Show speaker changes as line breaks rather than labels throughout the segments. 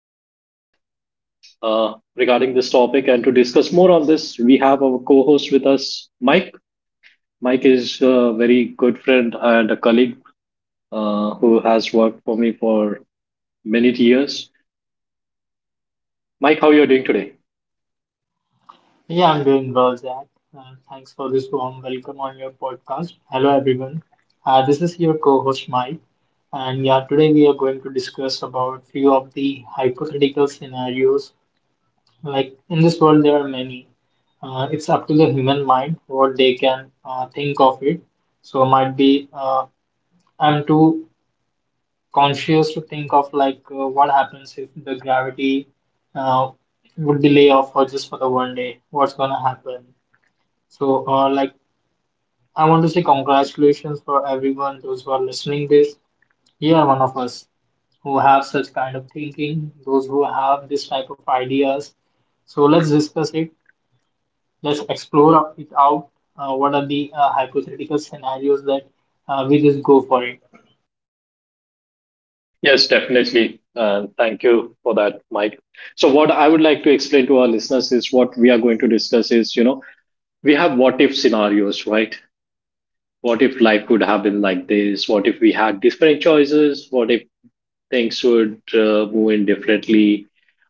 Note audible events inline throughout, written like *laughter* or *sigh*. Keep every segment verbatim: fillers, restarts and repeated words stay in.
in depth uh, regarding this topic. And to discuss more on this, we have our co-host with us, Mike. Mike is a very good friend and a colleague uh, who has worked for me for many years. Mike, how you're doing today?
Yeah, I'm doing well, Zach. Uh, thanks for this warm welcome on your podcast. Hello, everyone. Uh, this is your co-host Mike, and yeah, today we are going to discuss about few of the hypothetical scenarios. Like in this world, there are many. Uh, it's up to the human mind what they can uh, think of it. So might be uh, I'm too conscious to think of like uh, what happens if the gravity uh, would be lay off for just for the one day. What's gonna happen? So, uh, like, I want to say congratulations for everyone, those who are listening this. You are one of us who have such kind of thinking, those who have this type of ideas. So let's discuss it. Let's explore up- it out. Uh, what are the uh, hypothetical scenarios that uh, we just go for it?
Yes, definitely. And thank you for that, Mike. So what I would like to explain to our listeners is what we are going to discuss is, you know, we have what if scenarios, right? What if life could have been like this? What if we had different choices? What if things would uh, move in differently,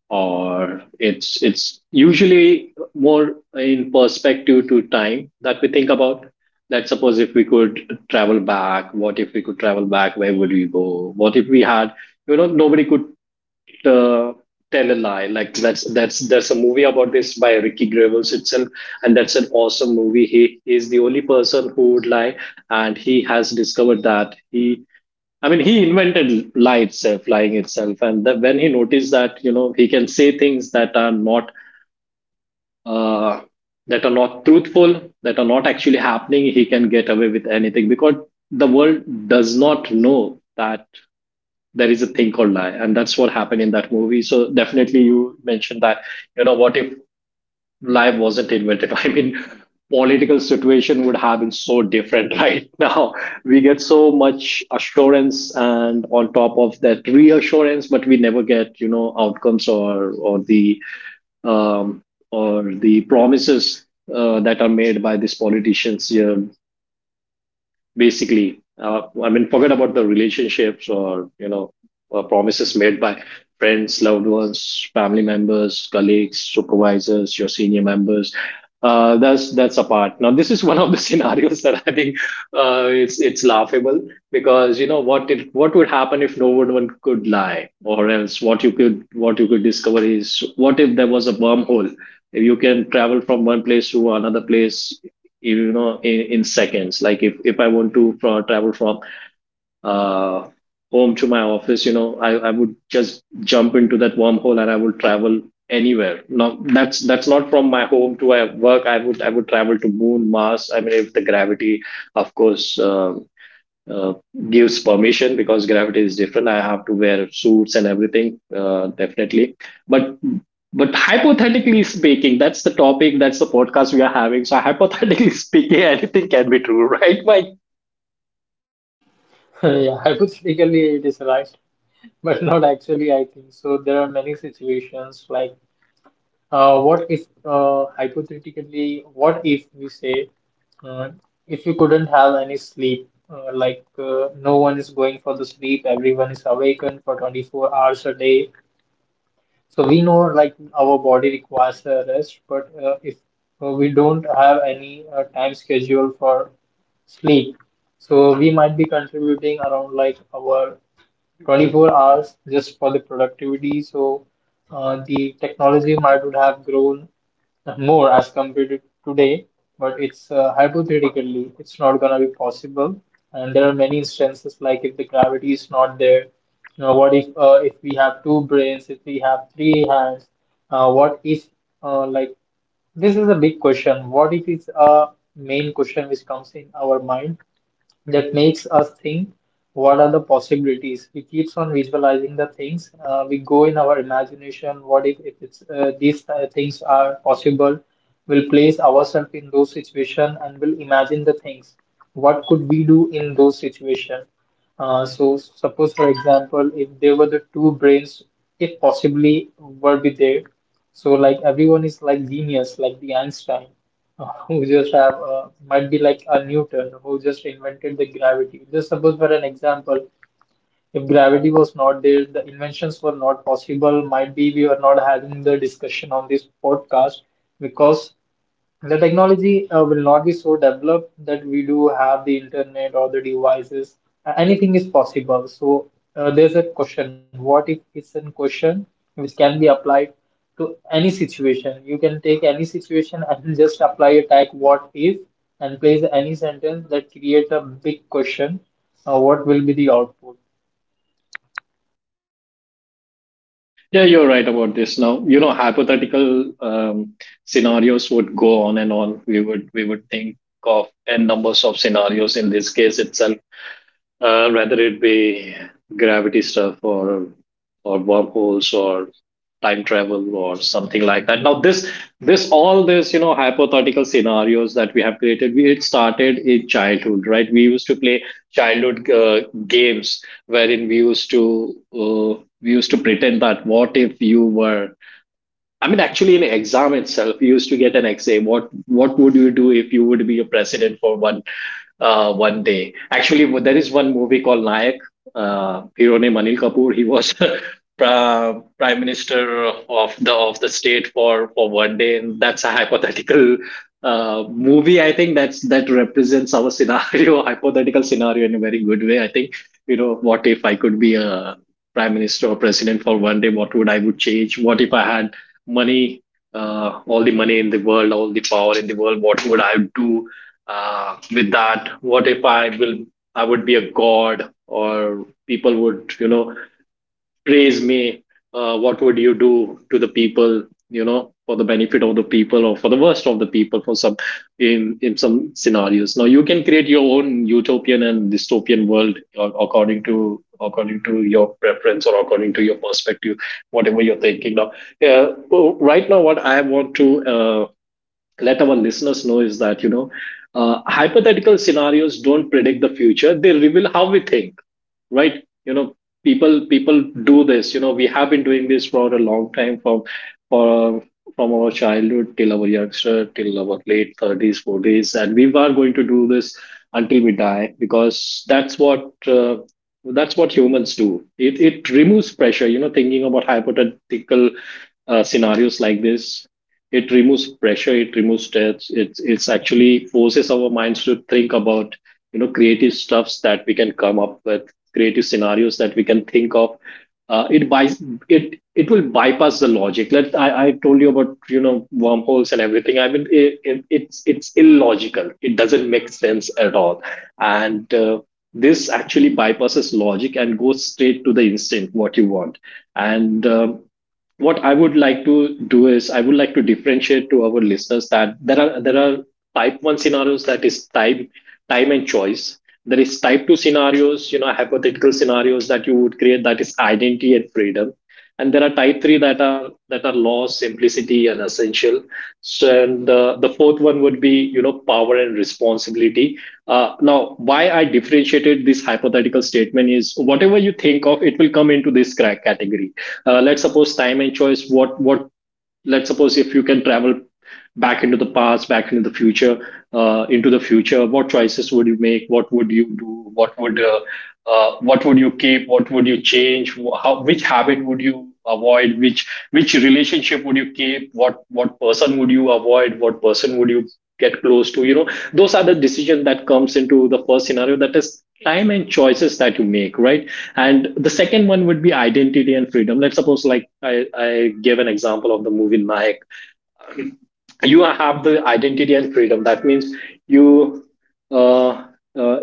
or it's it's usually more in perspective to time that we think about. That, suppose, if we could travel back, what if we could travel back, where would we go, what if we had, you know nobody could uh, tell a lie. Like, that's that's there's a movie about this by ricky Gervais itself, and that's an awesome movie. He is the only person who would lie, and he has discovered that he I mean, he invented lights, uh, flying itself, and that when he noticed that, you know he can say things that are not, uh, that are not truthful, that are not actually happening, he can get away with anything because the world does not know that there is a thing called lie. And that's what happened in that movie. So definitely, you mentioned that, you know what if life wasn't invented. *laughs* I mean, political situation would have been so different *laughs* right now. We get so much assurance and, on top of that, reassurance, but we never get, you know outcomes, or or the um, or the promises uh, that are made by these politicians. Yeah, basically, uh, I mean, forget about the relationships, or, you know uh, promises made by friends, loved ones, family members, colleagues, supervisors, your senior members. uh, that's that's apart. Now, this is one of the *laughs* scenarios that I think, uh, it's it's laughable, because, you know what it what would happen if no one one could lie? Or else what you could what you could discover is, what if there was a wormhole? If you can travel from one place to another place, you know in, in seconds, like, if, if I want to fro- travel from, uh, home to my office, you know I, I would just jump into that wormhole and I would travel anywhere. No, that's that's not from my home to my work. I would i would travel to moon, mars. I mean, if the gravity, of course, um uh, gives permission, because gravity is different. I have to wear suits and everything, uh, definitely. But but hypothetically speaking, that's the topic, that's the podcast we are having. So hypothetically *laughs* speaking, anything can be true, right, Mike?
*laughs* Yeah, hypothetically it is right, *laughs* but not actually. I think so. There are many situations like uh, what if uh, hypothetically, what if we say? Uh, if you couldn't have any sleep, uh, like uh, no one is going for the sleep, everyone is awakened for twenty-four hours a day. So we know like our body requires a rest, but uh, if uh, we don't have any uh, time schedule for sleep, so we might be contributing around like our twenty-four hours just for the productivity. So uh, the technology might would have grown more as compared to today, but it's uh, hypothetically, it's not gonna be possible. And there are many instances like if the gravity is not there, you know, what if uh, if we have two brains, if we have three hands, uh, what if uh, like this is a big question. What if it's a main question which comes in our mind? That makes us think what are the possibilities. We keeps on visualizing the things. Uh, we go in our imagination. What if, if it's uh, these uh, things are possible, we'll place ourselves in those situations and we'll imagine the things, what could we do in those situations. Uh, so suppose for example if there were the two brains, if possibly were be there, so like everyone is like genius like the Einstein, uh, who just have uh, might be like a Newton who just invented the gravity. Just suppose for an example, if gravity was not there, the inventions were not possible. Might be we were not having the discussion on this podcast because the technology uh, will not be so developed that we do have the internet or the devices. Uh, Anything is possible. So uh, there's a question. What if it's a question which can be applied to any situation? You can take any situation and *laughs* just apply a tag what if and place any sentence that creates a big question. Uh, what will be the output?
Yeah, you're right about this. Now, you know, hypothetical, um, scenarios would go on and on. We would we would think of n numbers of scenarios in this case itself, uh, whether it be gravity stuff, or or wormholes, or time travel, or something like that. Now, this this all this, you know hypothetical scenarios that we have created, we, it started in childhood, right? We used to play childhood, uh, games wherein we used to, uh, we used to pretend that. What if you were I mean, actually, in exam itself, you used to get an essay. What What would you do if you would be a president for one, uh, one day? Actually, there is one movie called Nayak. Uh, hero name, Anil Kapoor. He was *laughs* pra- prime minister of the, of the state for for one day, and that's a hypothetical, uh, movie. I think that's that represents our scenario, *laughs* hypothetical scenario, in a very good way. I think, you know what if I could be a prime minister or president for one day? What would I would change? What if I had money? Uh, all the money in the world, all the power in the world, what would I do? Uh, with that, what if i will I would be a god, or people would, you know praise me? Uh, what would you do to the people, you know for the benefit of the people, or for the worst of the people, for some, in, in some scenarios? Now, you can create your own utopian and dystopian world, uh, according to according to your preference, or according to your perspective, whatever you're thinking now. Yeah, well, right now, what I want to, uh, let our listeners know is that, you know uh, hypothetical scenarios don't predict the future, they reveal how we think, right? you know people people do this. You know we have been doing this for a long time, from, for from our childhood, till our youngster, till our late thirties, forties, and we are going to do this until we die, because that's what, uh, that's what humans do. It it removes pressure. You know thinking about hypothetical, uh, scenarios like this, it removes pressure, it removes stress. It's it's actually forces our minds to think about, you know creative stuffs that we can come up with, creative scenarios that we can think of. uh, it buys it it will bypass the logic. Let I, I told you about, you know wormholes and everything. I mean, it, it, it's it's illogical, it doesn't make sense at all. And, uh, this actually bypasses logic and goes straight to the instant what you want. And, um, what I would like to do is, I would like to differentiate to our listeners that there are, there are type one scenarios, that is time, time and choice. There is type two scenarios, you know, hypothetical scenarios that you would create, that is identity and freedom. And there are type three, that are that are laws, simplicity, and essential. So, and the, the fourth one would be, you know, power and responsibility. Uh, now, why I differentiated this hypothetical statement is, whatever you think of, it will come into this, cra- category. Uh, let's suppose, time and choice. What what let's suppose, if you can travel back into the past, back into the future, uh, into the future, what choices would you make? What would you do? What would uh, uh, what would you keep? What would you change? How, which habit would you avoid? Which which relationship would you keep? What what person would you avoid? What person would you get close to? You know, those are the decisions that comes into the first scenario. That is time and choices that you make, right? And the second one would be identity and freedom. Let's suppose, like, I, I gave an example of the movie Nayak. You have the identity and freedom. That means, you, uh, uh,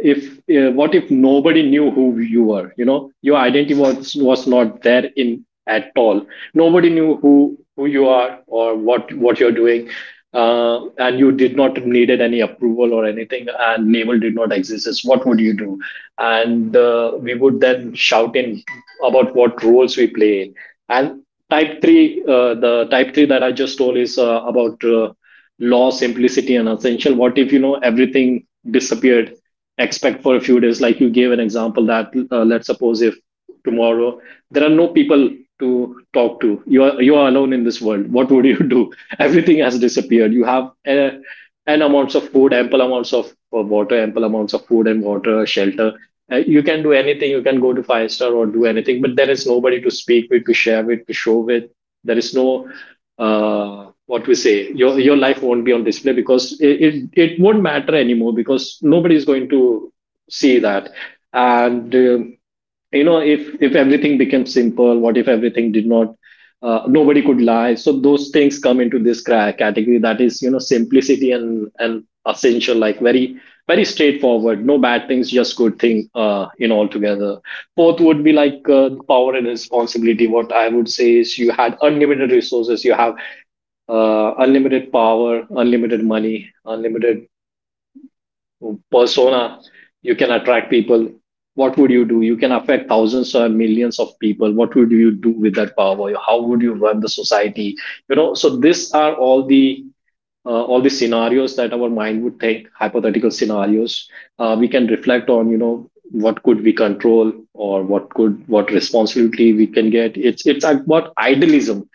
if uh, what if nobody knew who you were? You know, your identity, was was not there in at all. Nobody knew who who you are, or what what you're doing, uh, and you did not needed any approval or anything. And label did not exist. It's What would you do? And, uh, we would then shout in about what roles we play in. And type three, uh, the type three that I just told is, uh, about, uh, law, simplicity, and essential. What if, you know everything disappeared except for a few days? Like, you gave an example that, uh, let's suppose if, tomorrow, there are no people to talk to. you are you are alone in this world. What would you do? *laughs* Everything has disappeared. You have, uh, n amounts of food, ample amounts of, uh, water, ample amounts of food and water, shelter. Uh, you can do anything. You can go to five star or do anything, but there is nobody to speak with, to share with, to show with. There is no, uh, what we say. Your your life won't be on display, because, it, it it won't matter anymore, because nobody is going to see that. And, um you know, if if everything becomes simple, what if everything did not? Uh, nobody could lie. So those things come into this, cra- category, that is, you know, simplicity, and and essential, like very, very straightforward. No bad things, just good thing. Uh, in altogether, fourth would be like, uh, power and responsibility. What I would say is, you had unlimited resources. You have uh, unlimited power, unlimited money, unlimited persona, you can attract people. What would you do? You can affect thousands or millions of people. What would you do with that power? How would you run the society? You know, so these are all the uh, all the scenarios that our mind would think, hypothetical scenarios uh, we can reflect on. You know, what could we control, or what could, what responsibility we can get? It's it's about idealism.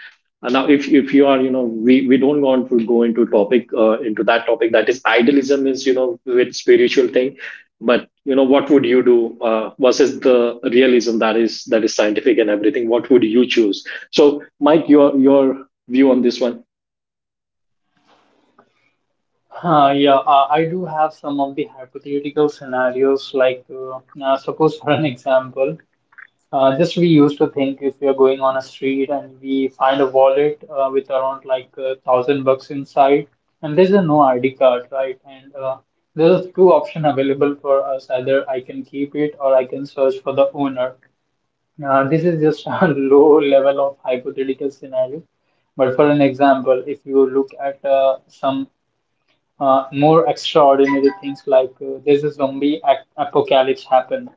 And now, if if you are, you know, we we don't want to go into topic uh, into that topic. That is, idealism is, you know, with spiritual thing, but you know, what would you do uh, versus the realism, that is, that is scientific and everything. What would you choose? So, Mike, your your view on this one.
Uh, yeah, uh, I do have some of the hypothetical scenarios. Like, uh, uh, suppose for an *laughs* example. Uh, just we used to think if we are going on a street and we find a wallet uh, with around like a thousand bucks inside, and there's a no I D card, right? And uh, there's two options available for us. Either I can keep it or I can search for the owner. Uh, this is just *laughs* a low level of hypothetical scenario. But for an example, if you look at uh, some uh, more extraordinary things like uh, there's a zombie ac- apocalypse happened,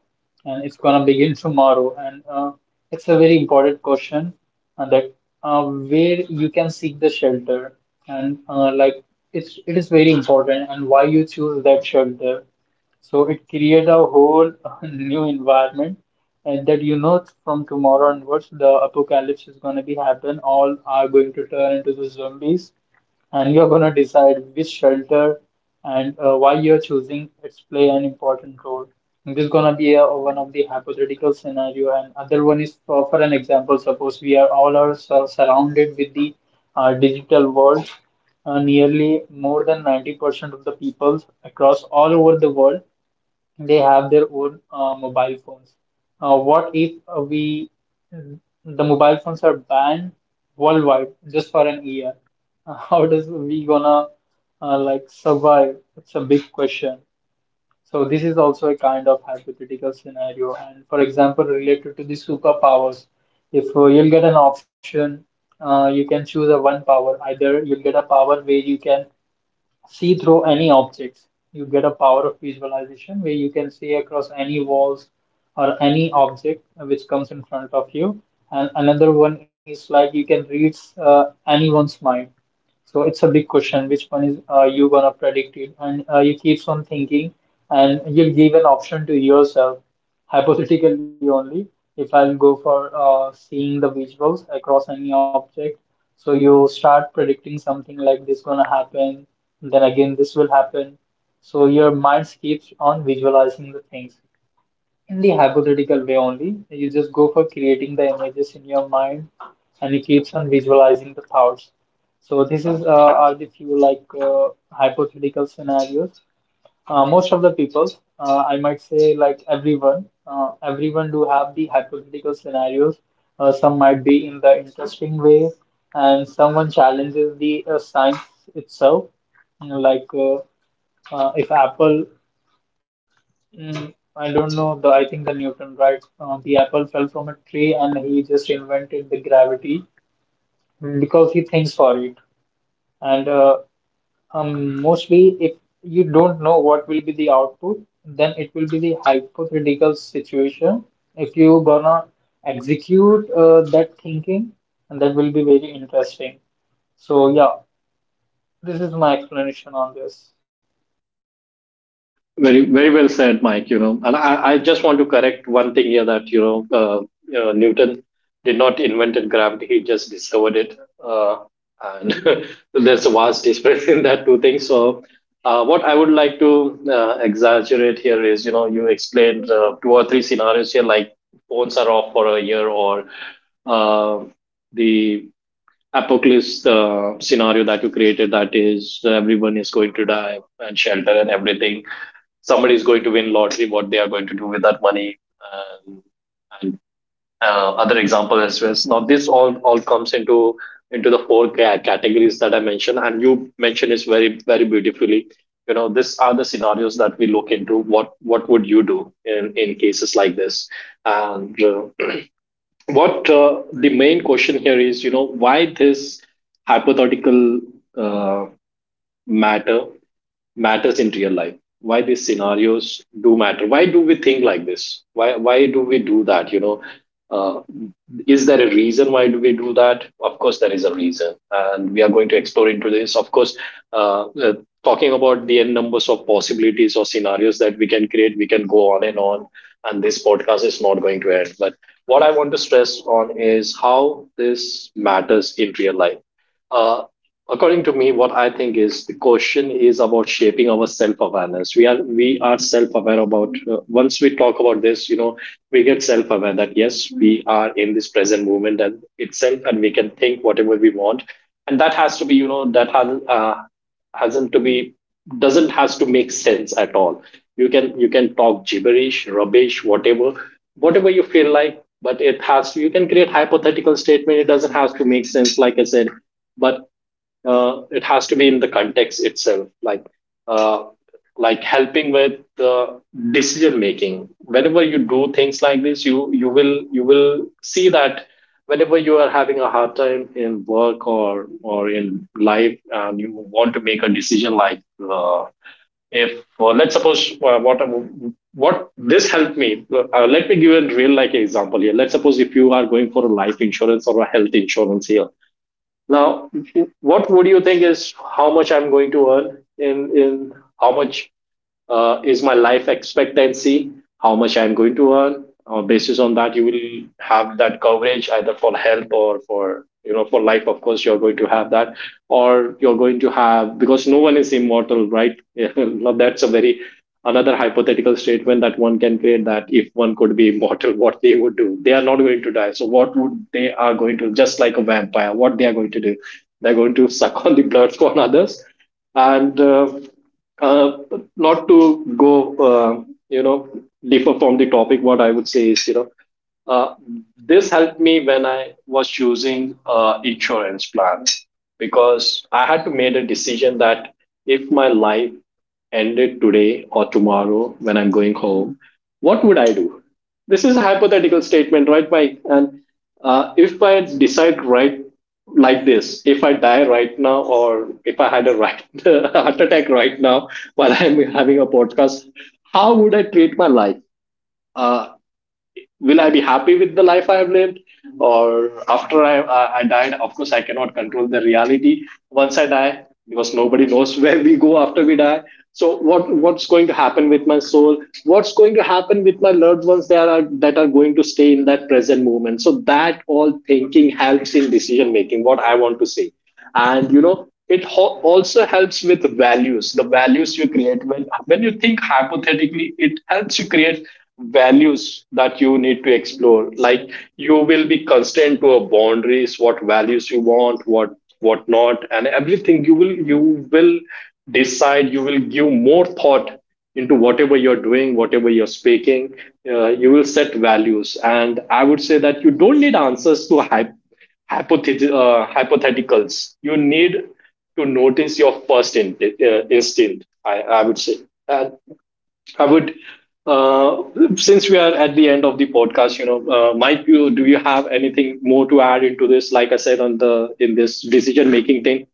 and it's gonna begin tomorrow, and uh, it's a very important question uh, that uh, where you can seek the shelter, and uh, like it's it is very important and why you choose that shelter. So it creates a whole *laughs* new environment, and that, you know, from tomorrow onwards the apocalypse is going to be happen, all are going to turn into the zombies, and you're going to decide which shelter and uh, why you're choosing its play an important role. And this is going to be a one of the hypothetical scenario, and other one is for, for an example. Suppose we are all are sur- surrounded with the uh, digital world. Uh, nearly more than ninety percent of the people across all over the world, they have their own uh, mobile phones. Uh, what if uh, we the mobile phones are banned worldwide just for an year? Uh, *laughs* How does we gonna uh, like survive? It's a big question. So this is also a kind of hypothetical scenario. And for example, related to the superpowers, if uh, you'll get an option, uh, you can choose a one power. Either you'll get a power where you can see through any objects. You get a power of visualization where you can see across any walls or any object which comes in front of you. And another one is like you can read uh, anyone's mind. So it's a big question. Which one is uh, you gonna predict it? And uh, you keeps on thinking, and you give an option to yourself, hypothetically only. If I'll go for uh, seeing the visuals across any object, so you start predicting something like this gonna happen, then again this will happen. So your mind keeps on visualizing the things in the hypothetical way only. You just go for creating the images in your mind and it keeps on visualizing the thoughts. So this is uh, are the few like uh, hypothetical scenarios. Uh, most of the people, uh, I might say like everyone, uh, everyone do have the hypothetical scenarios. Uh, some might be in the interesting way, and someone challenges the uh, science itself. You know, like uh, uh, if Apple, mm, I don't know. The I think the Newton, right? Um, the apple fell from a tree, and he just invented the gravity because he thinks for it. And uh, um, mostly, if you don't know what will be the output, then it will be the hypothetical situation. If you gonna execute uh, that thinking, and that will be very interesting. So yeah, this is my explanation on this.
Very, very well said, Mike. You know, and I, I just want to correct one thing here that you know, uh, you know, Newton did not invent gravity; he just discovered it, uh, and *laughs* there's a vast difference in that two things. So, uh, what I would like to uh, exaggerate here is, you know, you explained uh, two or three scenarios here, like phones are off for a year, or uh, the apocalypse uh, scenario that you created, that is, everyone is going to die, and shelter and everything, somebody is going to win lottery, what they are going to do with that money, um, and uh, other examples as well. So now this all all comes into into the four ca- categories that I mentioned, and you mentioned is very, very beautifully. You know, these are the scenarios that we look into. What what would you do in in cases like this? And uh, what uh, the main question here is, you know, why this hypothetical uh, matter matters in real life. Why these scenarios do matter? Why do we think like this? Why why do we do that? You know, uh, is there a reason why do we do that? Of course there is a reason, and we are going to explore into this. Of course, uh, uh, talking about the n numbers of possibilities or scenarios that we can create, we can go on and on, and this podcast is not going to end, but what I want to stress on is how this matters in real life. Uh, According to me, what I think is, the question is about shaping our self awareness. We are we are self aware about, uh, once we talk about this, you know, we get self aware that yes, we are in this present moment and itself, and we can think whatever we want, and that has to be, you know, that has uh, hasn't to be, doesn't has to make sense at all. You can you can talk gibberish rubbish, whatever, whatever you feel like. But it has, you can create hypothetical statement, it doesn't have to make sense, like I said. But uh, it has to be in the context itself, like uh, like helping with the decision making. Whenever you do things like this, you you will, you will see that whenever you are having a hard time in work, or or in life, and you want to make a decision, like uh, if uh, let's suppose, uh, what what this helped me, uh, let me give a real like example here. Let's suppose if you are going for a life insurance or a health insurance here. Now, what would you think is, how much I'm going to earn in in how much uh, is my life expectancy, how much I'm going to earn. Uh, basis on that, you will have that coverage, either for health or for, you know, for life. Of course, you're going to have that, or you're going to have, because no one is immortal, right? *laughs* Now, that's a very, another hypothetical statement that one can create, that if one could be immortal, *laughs* what they would do. They are not going to die, so what would they are going to, just like a vampire, what they are going to do? They're going to *laughs* suck on the blood for others. And uh, uh, not to go, uh, you know, differ from the topic, what I would say is, you know, uh, this helped me when I was choosing uh, insurance plan, because I had to make a decision that if my life ended today or tomorrow when I'm going home, what would I do? This is a hypothetical statement, right, Mike? And uh, if I decide right like this, if I die right now, or if I had a right *laughs* heart attack right now while I'm having a podcast, how would I treat my life? Uh, will I be happy with the life I have lived? Or after i i I died, of course I cannot control the reality once I die, because nobody knows *laughs* where we go after we die. So what, what's going to happen with my soul? What's going to happen with my loved ones that are, that are going to stay in that present moment? So that all thinking helps in decision making, what I want to say. And you know, it ho- also helps with values, the values you create, when when you think hypothetically, it helps you create values that you need to explore. Like you will be constrained to a boundaries, what values you want, what what not, and everything. You will, you will decide, you will give more thought into whatever you're doing, whatever you're speaking. Uh, you will set values, and I would say that you don't need answers to hypothetically, hypothet- uh, hypotheticals. You need to notice your first in- uh, instinct, I, I would say. And I would. Uh, since we are at the end of the podcast, you know, uh, Mike, you, do you have anything more to add into this, like I said, on the in this decision making thing?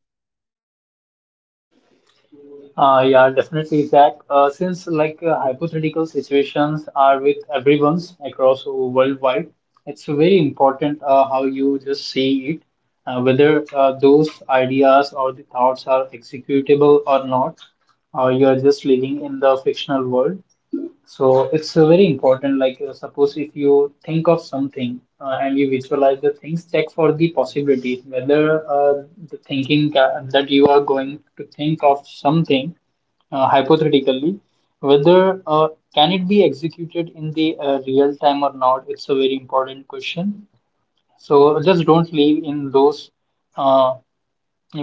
Uh, yeah, definitely, Zach. Uh, since like uh, hypothetical situations are with everyone's across worldwide, it's very important uh, how you just see it, uh, whether uh, those ideas or the thoughts are executable or not, or you are just living in the fictional world. So it's uh, very important. Like uh, suppose if you think of something uh, and you visualize the things, check for the possibility whether uh, the thinking ca- that you are going to think of something uh, hypothetically, whether uh, can it be executed in the uh, real time or not? It's a very important question. So just don't leave in those uh,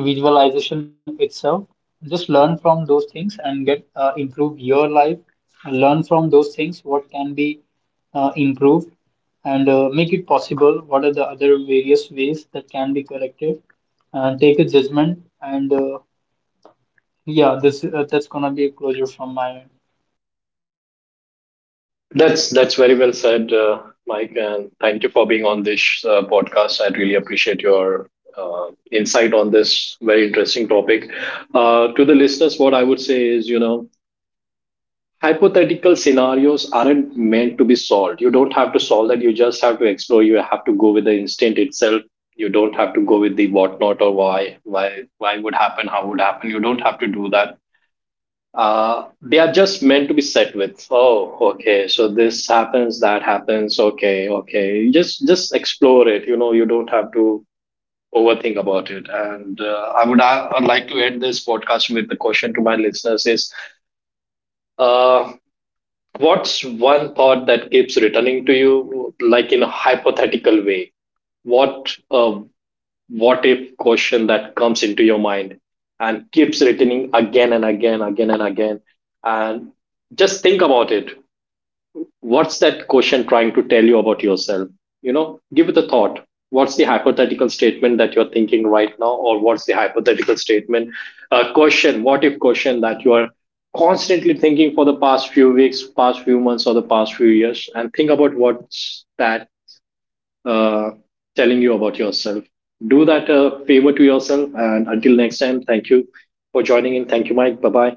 visualization itself. Just learn from those things and get uh, improve your life. Learn from those things what can be uh, improved and uh, make it possible. What are the other various ways that can be corrected? And take a judgment and uh, yeah, this uh, that's gonna be a closure from my end.
that's that's very well said, uh, Mike. And thank you for being on this uh, podcast. I really appreciate your uh, insight on this very interesting topic. Uh, to the listeners, what I would say is, you know, hypothetical scenarios aren't meant to be solved. You don't have to solve that. You just have to explore, you have to go with the instinct itself. You don't have to go with the what not, or why why why would happen, how would happen. You don't have to do that. Uh, they are just meant to be set with, oh okay, so this happens, that happens, okay, okay. You just just explore it, you know, you don't have to overthink about it. And uh, I would uh, like to end this podcast with the question to my listeners is, uh, what's one thought that keeps returning to you, like in a hypothetical way? What uh, what if question that comes into your mind and keeps returning again and again, again and again, and just think about it. What's that question trying to tell you about yourself? You know, give it a thought. What's the hypothetical statement that you're thinking right now, or what's the hypothetical statement, uh, question, what if question that you are constantly thinking for the past few weeks, past few months, or the past few years, and think about what's that uh, telling you about yourself. Do that a favor to yourself, and until next time, thank you for joining in. Thank you, Mike. Bye bye.